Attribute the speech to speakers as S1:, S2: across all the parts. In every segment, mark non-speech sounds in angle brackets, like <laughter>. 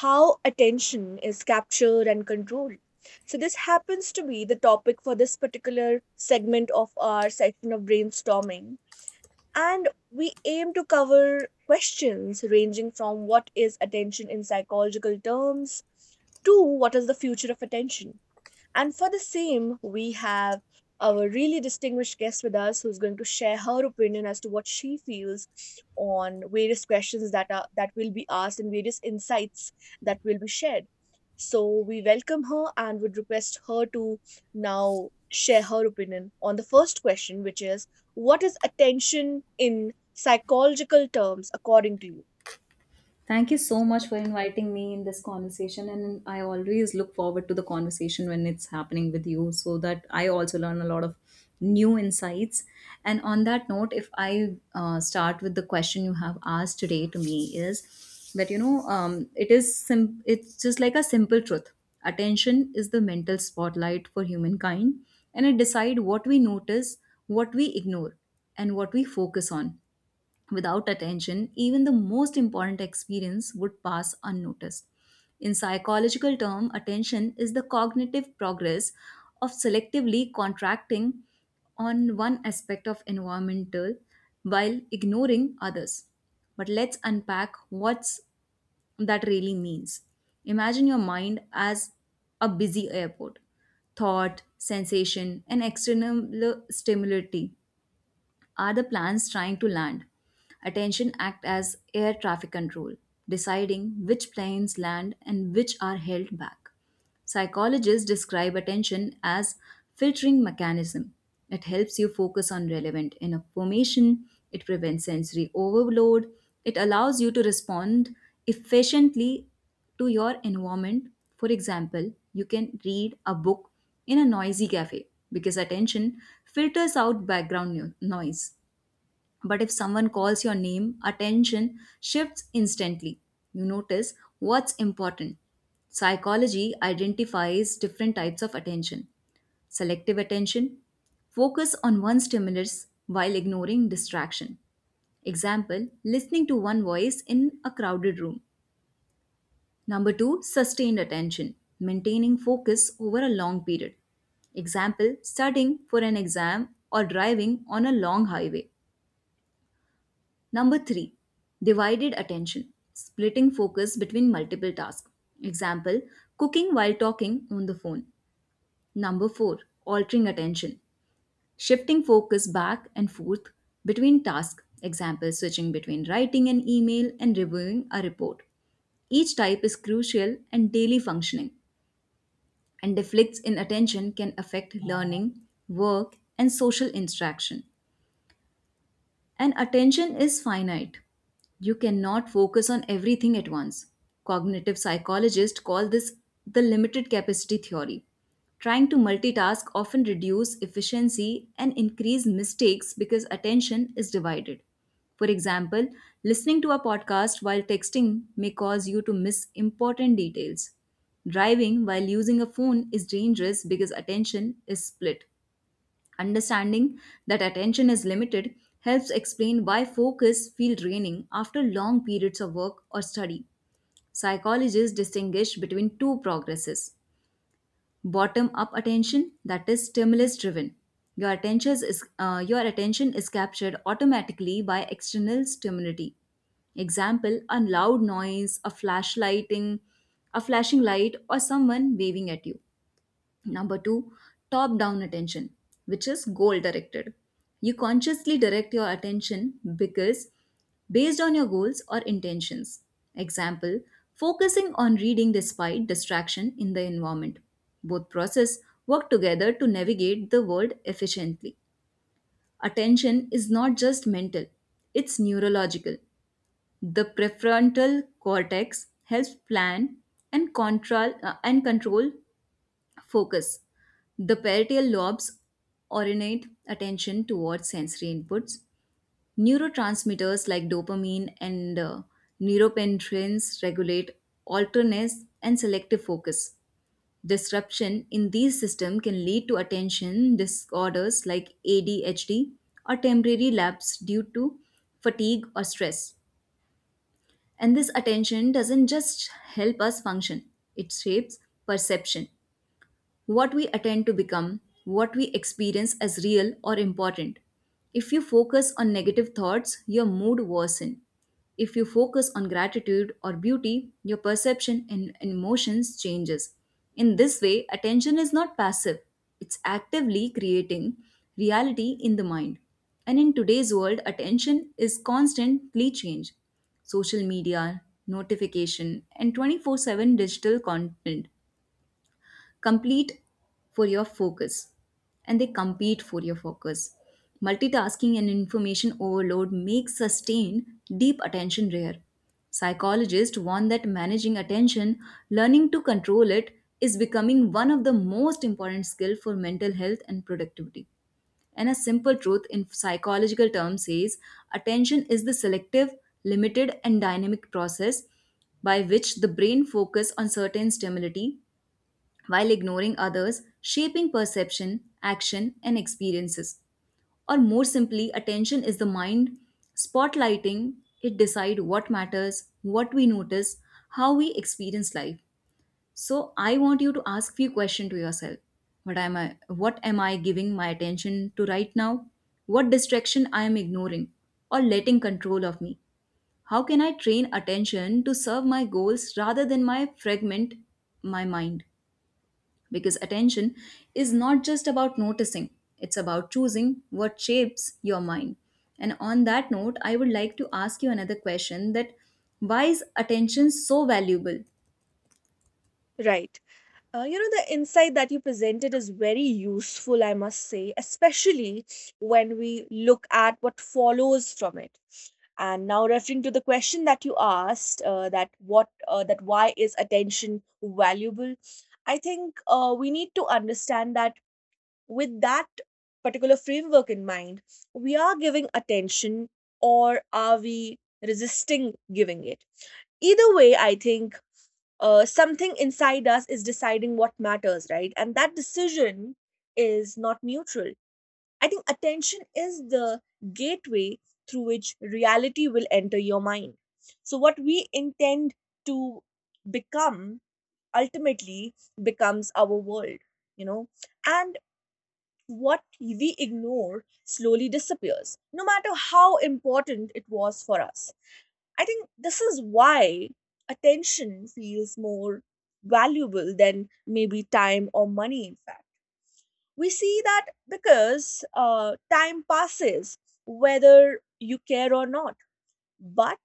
S1: How attention is captured and controlled. So, this happens to be the topic for this particular segment of our section of brainstorming. And we aim to cover questions ranging from what is attention in psychological terms to what is the future of attention. And for the same, we have our really distinguished guest with us who's going to share her opinion as to what she feels on various questions that will be asked and various insights that will be shared. So we welcome her and would request her to now share her opinion on the first question, which is what is attention in psychological terms according to you?
S2: Thank you so much for inviting me in this conversation. And I always look forward to the conversation when it's happening with you so that I also learn a lot of new insights. And on that note, if I start with the question you have asked today to me, is that, you know, it is it's just like a simple truth. Attention is the mental spotlight for humankind, and it decide what we notice, what we ignore, and what we focus on. Without attention, even the most important experience would pass unnoticed. In psychological terms, attention is the cognitive progress of selectively contracting on one aspect of environmental while ignoring others. But let's unpack what's that really means. Imagine your mind as a busy airport. Thought, sensation, and external stimuli are the planes trying to land. Attention act as air traffic control, deciding which planes land and which are held back. Psychologists describe attention as filtering mechanism. It helps you focus on relevant enough information, it prevents sensory overload, it allows you to respond efficiently to your environment. For example, you can read a book in a noisy cafe because attention filters out background noise. But if someone calls your name, attention shifts instantly. You notice what's important. Psychology identifies different types of attention: selective attention, focus on one stimulus while ignoring distraction. Example, listening to one voice in a crowded room. Number two, sustained attention, maintaining focus over a long period. Example, studying for an exam or driving on a long highway. Number three, divided attention, splitting focus between multiple tasks. Example, cooking while talking on the phone. Number four, altering attention, shifting focus back and forth between tasks. Example, switching between writing an email and reviewing a report. Each type is crucial and daily functioning, and deflicts in attention can affect learning, work, and social interaction. And attention is finite. You cannot focus on everything at once. Cognitive psychologists call this the limited capacity theory. Trying to multitask often reduce efficiency and increase mistakes because attention is divided. For example, listening to a podcast while texting may cause you to miss important details. Driving while using a phone is dangerous because attention is split. Understanding that attention is limited helps explain why focus feels draining after long periods of work or study. Psychologists distinguish between two progresses: bottom-up attention, that is stimulus-driven. Your attention is captured automatically by external stimuli. Example: a loud noise, a flashing light, or someone waving at you. Number two, top down attention, which is goal directed. You consciously direct your attention because based on your goals or intentions. Example, focusing on reading despite distraction in the environment. Both process work together to navigate the world efficiently. Attention is not just mental, it's neurological. The prefrontal cortex helps plan and control focus. The parietal lobes orientate attention towards sensory inputs. Neurotransmitters like dopamine and neuropendrins regulate alertness and selective focus. Disruption in these systems can lead to attention disorders like ADHD or temporary lapse due to fatigue or stress. And this attention doesn't just help us function, it shapes perception, what we attend to become, what we experience as real or important. If you focus on negative thoughts, your mood worsens. If you focus on gratitude or beauty, your perception and emotions changes. In this way, attention is not passive. It's actively creating reality in the mind. And in today's world, attention is constantly changed. Social media, notification, and 24/7 digital content complete for your focus, and they compete for your focus. Multitasking and information overload make sustained deep attention rare. Psychologists warn that managing attention, learning to control it, is becoming one of the most important skills for mental health and productivity. And a simple truth in psychological terms says attention is the selective, limited, and dynamic process by which the brain focuses on certain stimuli while ignoring others, shaping perception, action, and experiences. Or more simply, attention is the mind spotlighting, it decide what matters, what we notice, how we experience life. So I want you to ask few questions to yourself. What am I giving my attention to right now? What distraction I am ignoring or letting control of me? How can I train attention to serve my goals rather than my fragment my mind? Because attention is not just about noticing, it's about choosing what shapes your mind. And on that note, I would like to ask you another question: that why is attention so valuable?
S1: Right. You know, the insight that you presented is very useful, I must say, especially when we look at what follows from it. And now, referring to the question that you asked, that why is attention valuable? I think we need to understand that with that particular framework in mind, we are giving attention, or are we resisting giving it? Either way, I think something inside us is deciding what matters, right? And that decision is not neutral. I think attention is the gateway through which reality will enter your mind. So, what we intend to become ultimately becomes our world, you know, and what we ignore slowly disappears, no matter how important it was for us. I think this is why attention feels more valuable than maybe time or money, in fact. We see that because time passes, whether you care or not, but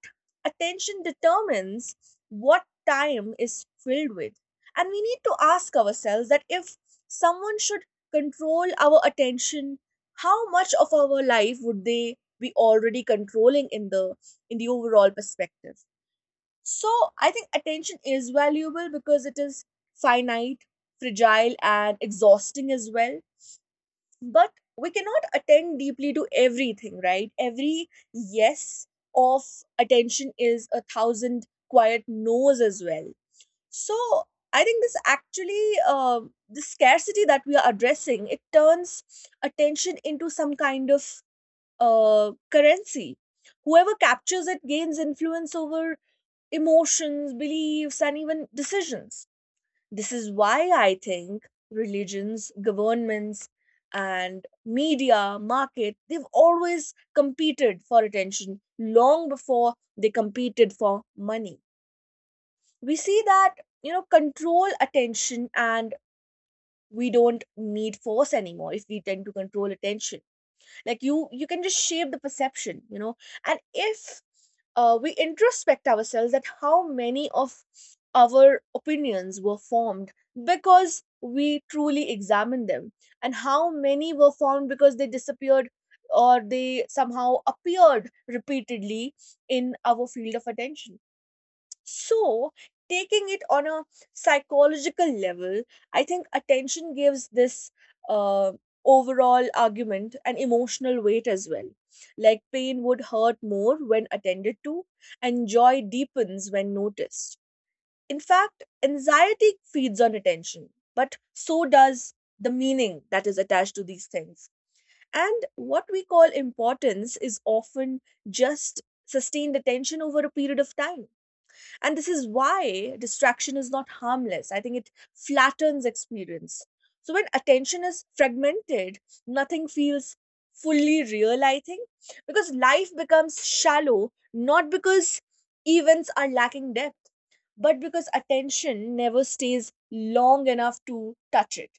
S1: attention determines what time is filled with. And we need to ask ourselves that if someone should control our attention, how much of our life would they be already controlling in the overall perspective? So I think attention is valuable because it is finite, fragile, and exhausting as well. But we cannot attend deeply to everything, right? Every yes of attention is a thousand quiet no's as well. So I think this actually, the scarcity that we are addressing, it turns attention into some kind of currency. Whoever captures it gains influence over emotions, beliefs, and even decisions. This is why I think religions, governments, and media, market, they've always competed for attention long before they competed for money. We see that, you know, control attention, and we don't need force anymore if we tend to control attention. Like, you can just shape the perception, you know. And if we introspect ourselves at how many of our opinions were formed because we truly examined them, and how many were formed because they disappeared or they somehow appeared repeatedly in our field of attention. So, taking it on a psychological level, I think attention gives this uh, overall argument an emotional weight as well. Like pain would hurt more when attended to, and joy deepens when noticed. In fact, anxiety feeds on attention, but so does the meaning that is attached to these things. And what we call importance is often just sustained attention over a period of time. And this is why distraction is not harmless. I think it flattens experience. So when attention is fragmented, nothing feels fully real, I think, because life becomes shallow, not because events are lacking depth, but because attention never stays long enough to touch it.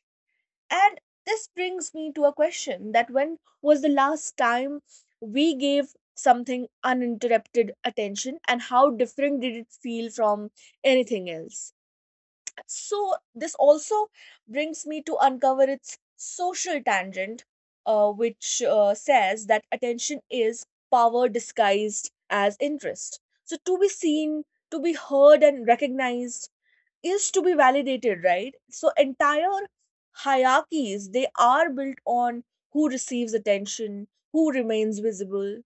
S1: And this brings me to a question that when was the last time we gave something uninterrupted attention, and how different did it feel from anything else? So, this also brings me to uncover its social tangent, which says that attention is power disguised as interest. So, to be seen, to be heard and recognized, is to be validated, right? So entire hierarchies, they are built on who receives attention, who remains visible.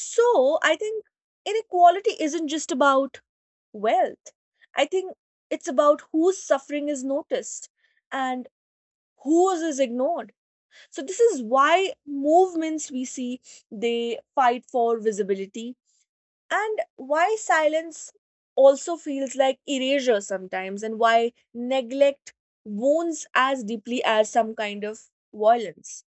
S1: So I think inequality isn't just about wealth. I think it's about whose suffering is noticed and whose is ignored. So this is why movements we see, they fight for visibility, and why silence also feels like erasure sometimes, and why neglect wounds as deeply as some kind of violence.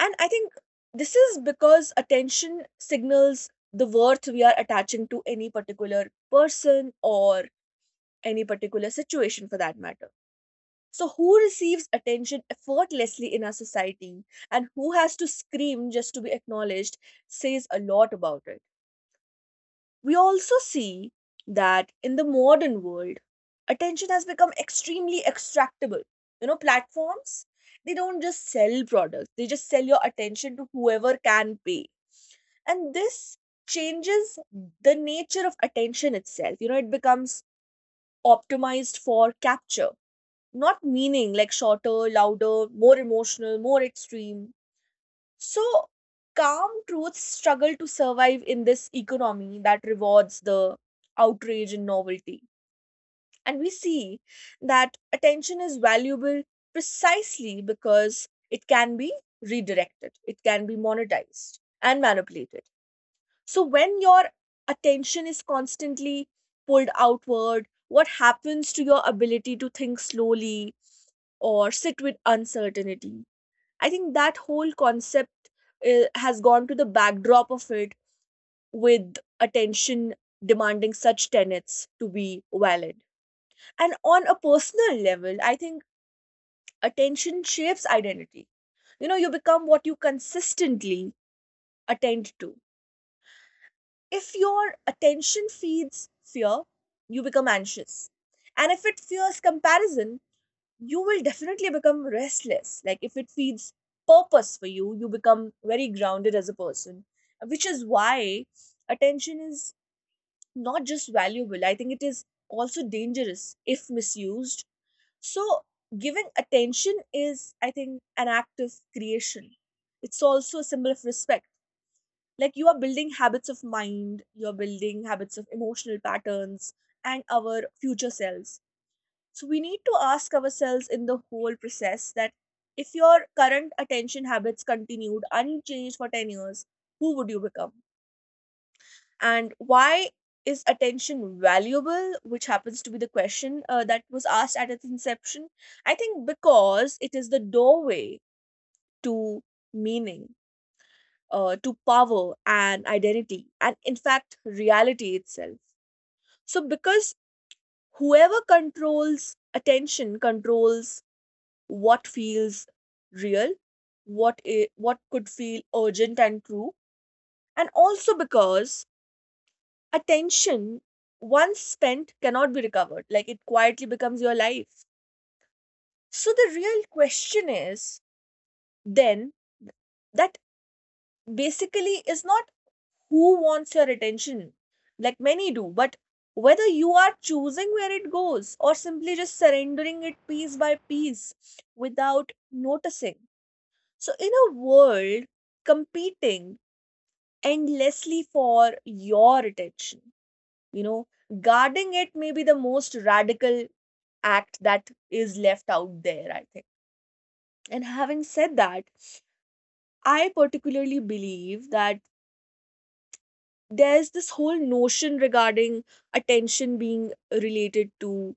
S1: And I think this is because attention signals the worth we are attaching to any particular person or any particular situation for that matter. So, who receives attention effortlessly in our society, and who has to scream just to be acknowledged, says a lot about it. We also see that in the modern world, attention has become extremely extractable. You know, platforms, they don't just sell products, they just sell your attention to whoever can pay. And this changes the nature of attention itself. You know, it becomes optimized for capture, not meaning, like shorter, louder, more emotional, more extreme. So, calm truths struggle to survive in this economy that rewards the outrage and novelty. And we see that attention is valuable precisely because it can be redirected, it can be monetized and manipulated. So, when your attention is constantly pulled outward, what happens to your ability to think slowly or sit with uncertainty? I think that whole concept has gone to the backdrop of it, with attention demanding such tenets to be valid. And on a personal level, I think attention shapes identity. You know, you become what you consistently attend to. If your attention feeds fear, you become anxious. And if it fears comparison, you will definitely become restless. Like if it feeds purpose for you, you become very grounded as a person, which is why attention is not just valuable, I think it is also dangerous if misused. So, giving attention is, I think, an act of creation. It's also a symbol of respect. Like you are building habits of mind, you're building habits of emotional patterns and our future selves. So we need to ask ourselves in the whole process that if your current attention habits continued unchanged for 10 years, who would you become? And why is attention valuable? Which happens to be the question that was asked at its inception. I think because it is the doorway to meaning, to power and identity, and in fact, reality itself. So, because whoever controls attention controls what feels real, what could feel urgent and true, and also because attention once spent cannot be recovered. Like it quietly becomes your life. So the real question is then that basically is not who wants your attention, like many do, but whether you are choosing where it goes or simply just surrendering it piece by piece without noticing. So, in a world competing endlessly for your attention, you know, guarding it may be the most radical act that is left out there, I think. And having said that, I particularly believe that there's this whole notion regarding attention being related to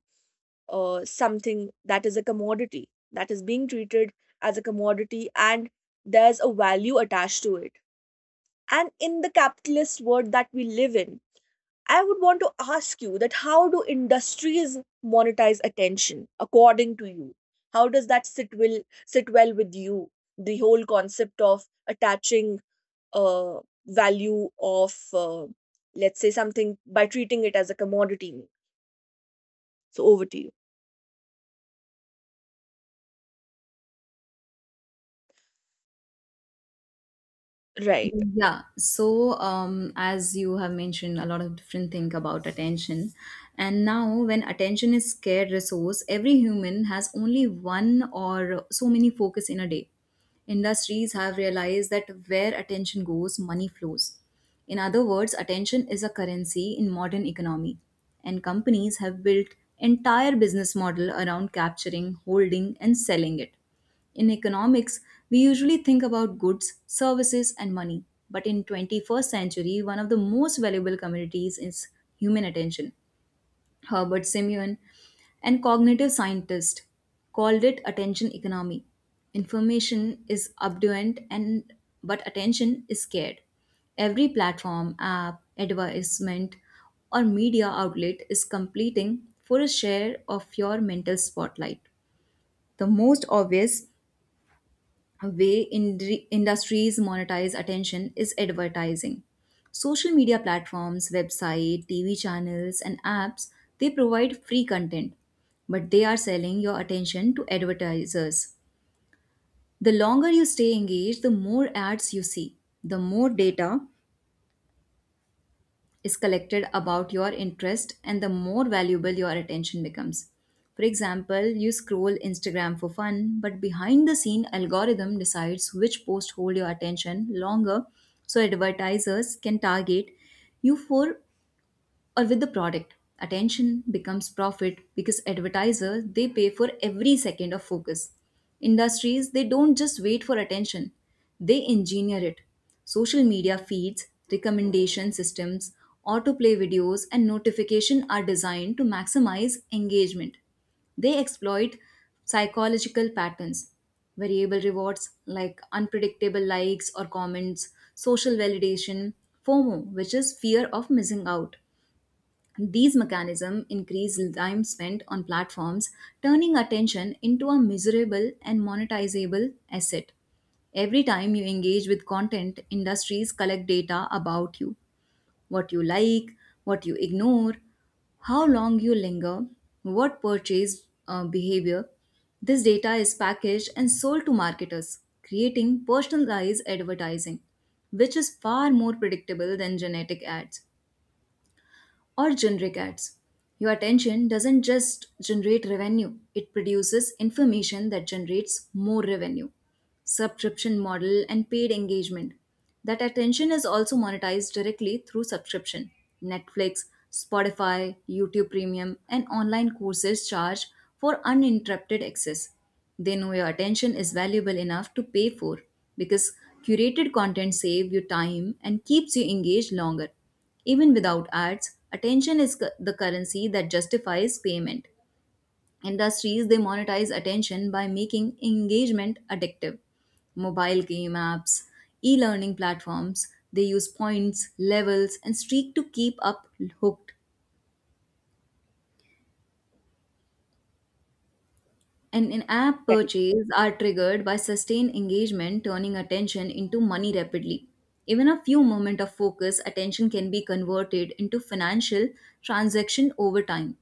S1: something that is a commodity, that is being treated as a commodity, and there's a value attached to it. And in the capitalist world that we live in, I would want to ask you that how do industries monetize attention according to you? How does that sit well with you, the whole concept of attaching uh, value of, let's say, something by treating it as a commodity? So over to you. Right.
S2: Yeah, so as you have mentioned, a lot of different thing about attention, and now when attention is scarce resource, every human has only one or so many focus in a day. Industries have realized that where attention goes, money flows. In other words, attention is a currency in modern economy, and companies have built entire business model around capturing, holding, and selling it. In economics, we usually think about goods, services, and money. But in 21st century, one of the most valuable commodities is human attention. Herbert Simeon, and cognitive scientist, called it attention economy. Information is abundant and but attention is scarce. Every platform, app, advertisement, or media outlet is competing for a share of your mental spotlight. The most obvious way industries monetize attention is advertising. Social media platforms, website, TV channels and apps, they provide free content, but they are selling your attention to advertisers. The longer you stay engaged, the more ads you see, the more data is collected about your interest and the more valuable your attention becomes. For example, you scroll Instagram for fun, but behind the scene algorithm decides which posts hold your attention longer, so advertisers can target you for or with the product. Attention becomes profit because advertisers they pay for every second of focus. Industries they don't just wait for attention, they engineer it. Social media feeds, recommendation systems, autoplay videos and notification are designed to maximize engagement. They exploit psychological patterns, variable rewards like unpredictable likes or comments, social validation, FOMO, which is fear of missing out. These mechanisms increase time spent on platforms, turning attention into a measurable and monetizable asset. Every time you engage with content, industries collect data about you: what you like, what you ignore, how long you linger, what purchase behavior. This data is packaged and sold to marketers, creating personalized advertising, which is far more predictable than genetic ads or generic ads. Your attention doesn't just generate revenue, it produces information that generates more revenue, subscription model, and paid engagement. That attention is also monetized directly through subscription. Netflix, Spotify, YouTube Premium, and online courses charge for uninterrupted access. They know your attention is valuable enough to pay for because curated content saves you time and keeps you engaged longer. Even without ads, attention is the currency that justifies payment. Industries they monetize attention by making engagement addictive. Mobile game apps, e-learning platforms, they use points, levels and streak to keep up hooked. And in-app
S1: Right.
S2: purchases are triggered by sustained engagement, turning attention into money rapidly. Even a few moments of focus attention can be converted into financial transaction over time.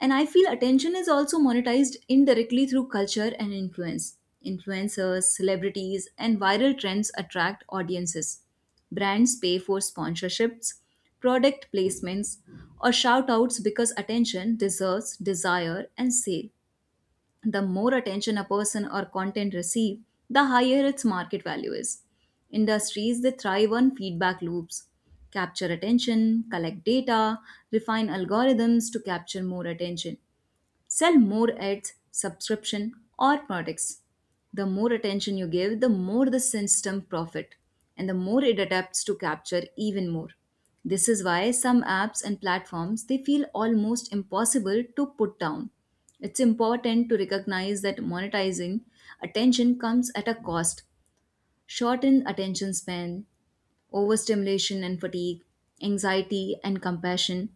S2: And I feel attention is also monetized indirectly through culture and influence. Influencers, celebrities, and viral trends attract audiences. Brands pay for sponsorships, product placements, or shout outs because attention deserves desire and sale. The more attention a person or content receive, the higher its market value is. Industries that thrive on feedback loops capture attention, collect data, refine algorithms to capture more attention, sell more ads, subscription, or products. The more attention you give, the more the system profit and the more it adapts to capture even more. This is why some apps and platforms they feel almost impossible to put down. It's important to recognize that monetizing attention comes at a cost. Shortened attention span, overstimulation and fatigue, anxiety and compassion,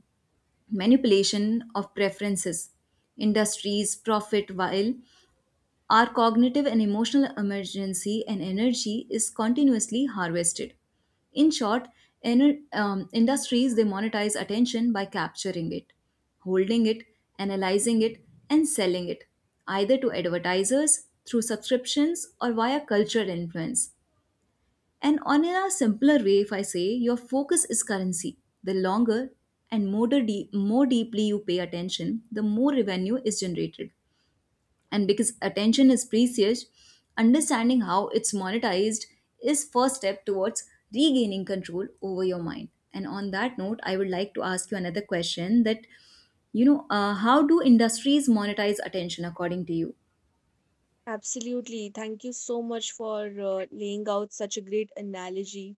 S2: manipulation of preferences. Industries profit while our cognitive and emotional emergency and energy is continuously harvested. In short, industries they monetize attention by capturing it, holding it, analyzing it, and selling it, either to advertisers through subscriptions or via cultural influence. And on in a simpler way, if I say your focus is currency, the longer and more deeply you pay attention, the more revenue is generated. And because attention is precious, understanding how it's monetized is first step towards regaining control over your mind. And on that note, I would like to ask you another question that you know, how do industries monetize attention according to you?
S1: Absolutely. Thank you so much for laying out such a great analogy.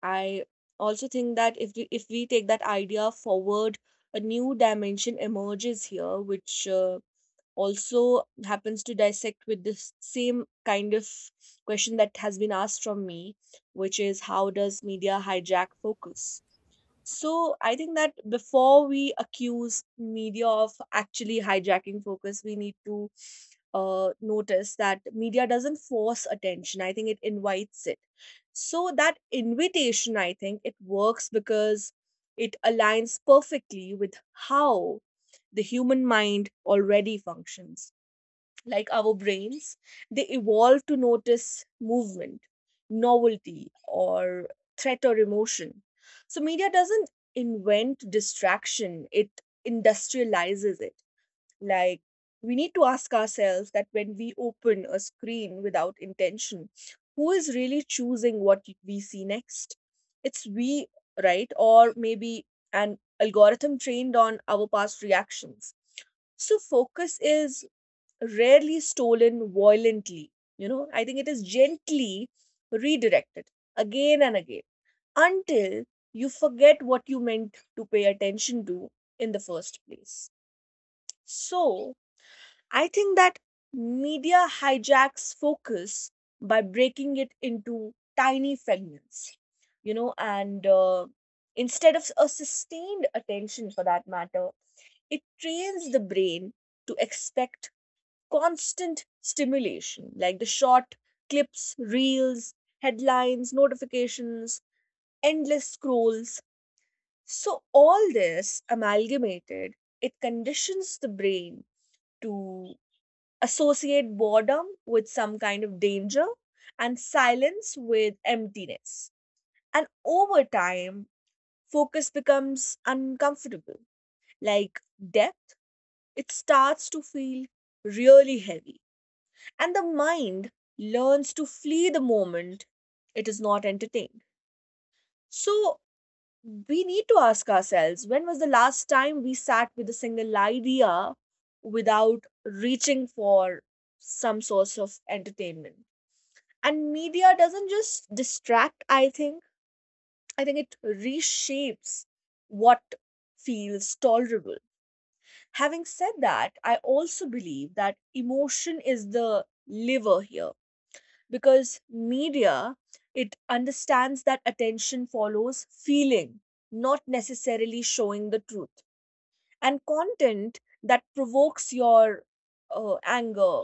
S1: I also think that if we take that idea forward, a new dimension emerges here, which also happens to dissect with this same kind of question that has been asked from me, which is how does media hijack focus? So I think that before we accuse media of actually hijacking focus, we need to notice that media doesn't force attention. I think it invites it. So that invitation, I think it works because it aligns perfectly with how the human mind already functions, like our brains, they evolve to notice movement, novelty, or threat or emotion. So, media doesn't invent distraction, it industrializes it. Like, we need to ask ourselves that when we open a screen without intention, who is really choosing what we see next? It's we, right? Or maybe an algorithm trained on our past reactions. So, focus is rarely stolen violently. You know, I think it is gently redirected again and again until you forget what you meant to pay attention to in the first place. So, I think that media hijacks focus by breaking it into tiny fragments, you know, and instead of a sustained attention for that matter, it trains the brain to expect constant stimulation, like the short clips, reels, headlines, notifications, endless scrolls. So, all this amalgamated, it conditions the brain to associate boredom with some kind of danger and silence with emptiness. And over time, focus becomes uncomfortable, like depth, it starts to feel really heavy, and the mind learns to flee the moment it is not entertained. So we need to ask ourselves when was the last time we sat with a single idea without reaching for some source of entertainment? And media doesn't just distract, I think it reshapes what feels tolerable. Having said that, I also believe that emotion is the liver here because media it understands that attention follows feeling, not necessarily showing the truth, and content that provokes your anger,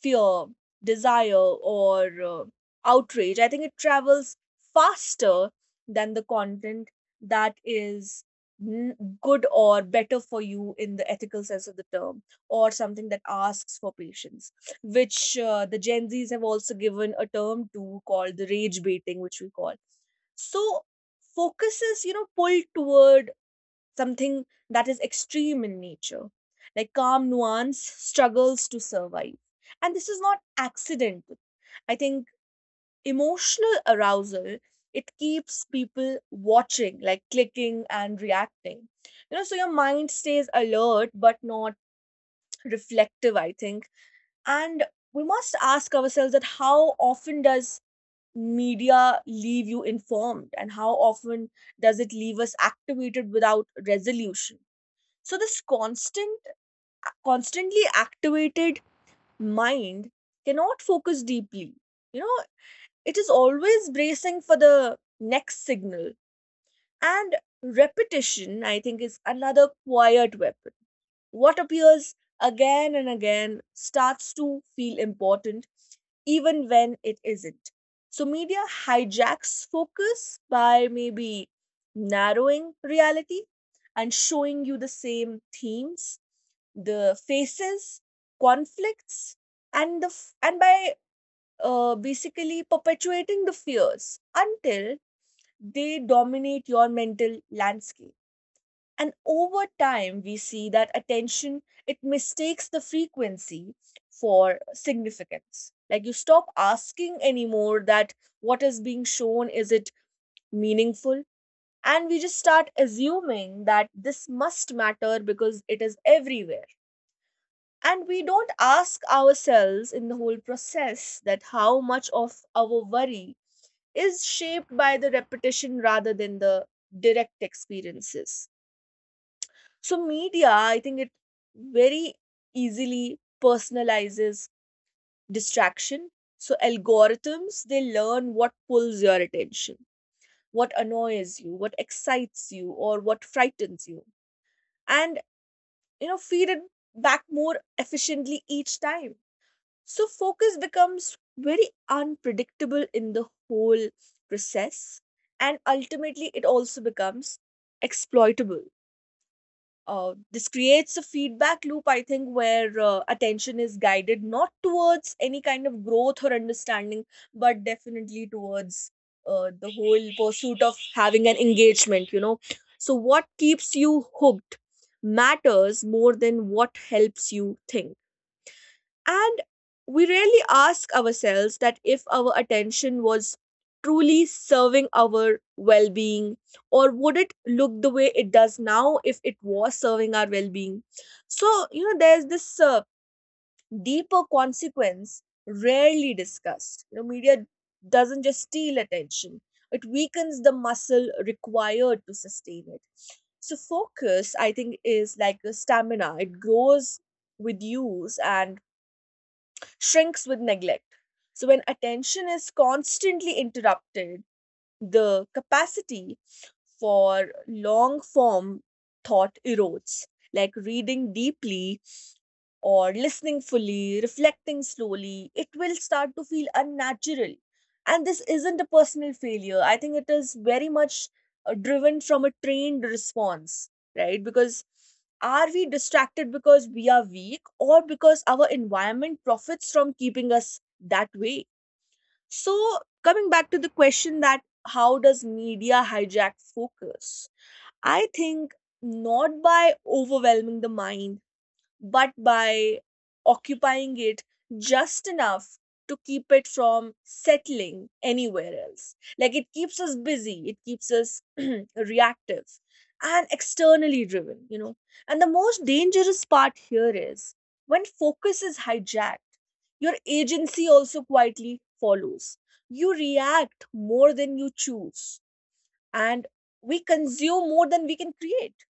S1: fear, desire, or outrage. I think it travels faster than the content that is good or better for you in the ethical sense of the term, or something that asks for patience, which the Gen Zs have also given a term to called the rage baiting, which we call. So focuses, you know, pulled toward something that is extreme in nature. Like calm nuance struggles to survive. And this is not accidental. I think emotional arousal it keeps people watching, like clicking and reacting, you know, so your mind stays alert but not reflective, I think. And we must ask ourselves that how often does media leave you informed, and how often does it leave us activated without resolution? So this constantly activated mind cannot focus deeply. You know, it is always bracing for the next signal. And repetition, I think, is another quiet weapon. What appears again and again starts to feel important even when it isn't. So, media hijacks focus by maybe narrowing reality and showing you the same themes, the faces, conflicts, and by basically perpetuating the fears until they dominate your mental landscape. And over time we see that attention it mistakes the frequency for significance. Like you stop asking anymore that what is being shown, is it meaningful? And we just start assuming that this must matter because it is everywhere, and we don't ask ourselves in the whole process that how much of our worry is shaped by the repetition rather than the direct experiences. So media, I think it very easily personalizes distraction. So algorithms, they learn what pulls your attention, what annoys you, what excites you, or what frightens you. And you know, feed it back more efficiently each time. So focus becomes very unpredictable in the whole process. And ultimately it also becomes exploitable. This creates a feedback loop, I think, where attention is guided not towards any kind of growth or understanding, but definitely towards the whole pursuit of having an engagement, you know. So what keeps you hooked matters more than what helps you think. And we rarely ask ourselves that if our attention was truly serving our well being, or would it look the way it does now if it was serving our well being? So, you know, there's this deeper consequence rarely discussed. You know, media doesn't just steal attention, it weakens the muscle required to sustain it. So, focus, I think, is like a stamina, it grows with use and shrinks with neglect. So, when attention is constantly interrupted, the capacity for long form thought erodes. Like reading deeply or listening fully, reflecting slowly, it will start to feel unnatural. And this isn't a personal failure. I think it is very much driven from a trained response, right? Because are we distracted because we are weak or because our environment profits from keeping us that way? So, coming back to the question that how does media hijack focus? I think not by overwhelming the mind but by occupying it just enough to keep it from settling anywhere else. Like it keeps us busy, it keeps us <clears throat> reactive and externally driven, you know. And the most dangerous part here is when focus is hijacked, your agency also quietly follows. You react more than you choose, and we consume more than we can create.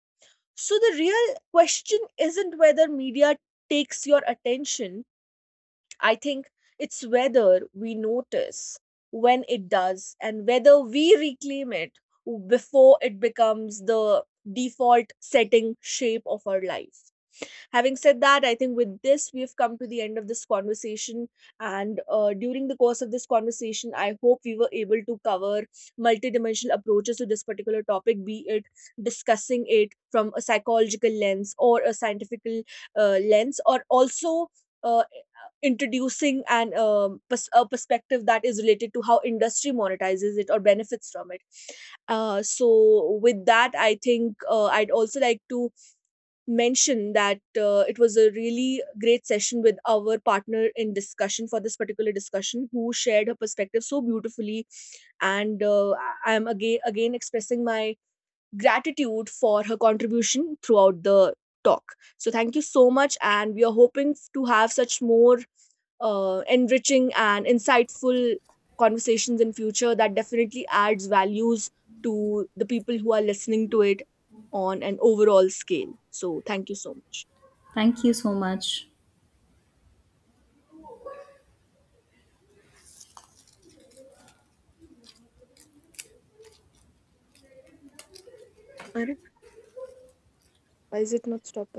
S1: So the real question isn't whether media takes your attention. I think it's whether we notice when it does and whether we reclaim it before it becomes the default setting shape of our life. Having said that, I think with this, we've come to the end of this conversation. And during the course of this conversation, I hope we were able to cover multidimensional approaches to this particular topic, be it discussing it from a psychological lens or a scientific lens, or also uh, introducing a perspective that is related to how industry monetizes it or benefits from it. So with that, I think I'd also like to mention that it was a really great session with our partner in discussion for this particular discussion who shared her perspective so beautifully, and I am again expressing my gratitude for her contribution throughout the talk. So thank you so much, and we are hoping to have such more enriching and insightful conversations in future that definitely adds values to the people who are listening to it on an overall scale. So thank you so much.
S2: Thank you so much.
S1: Arre, why is it not stopping?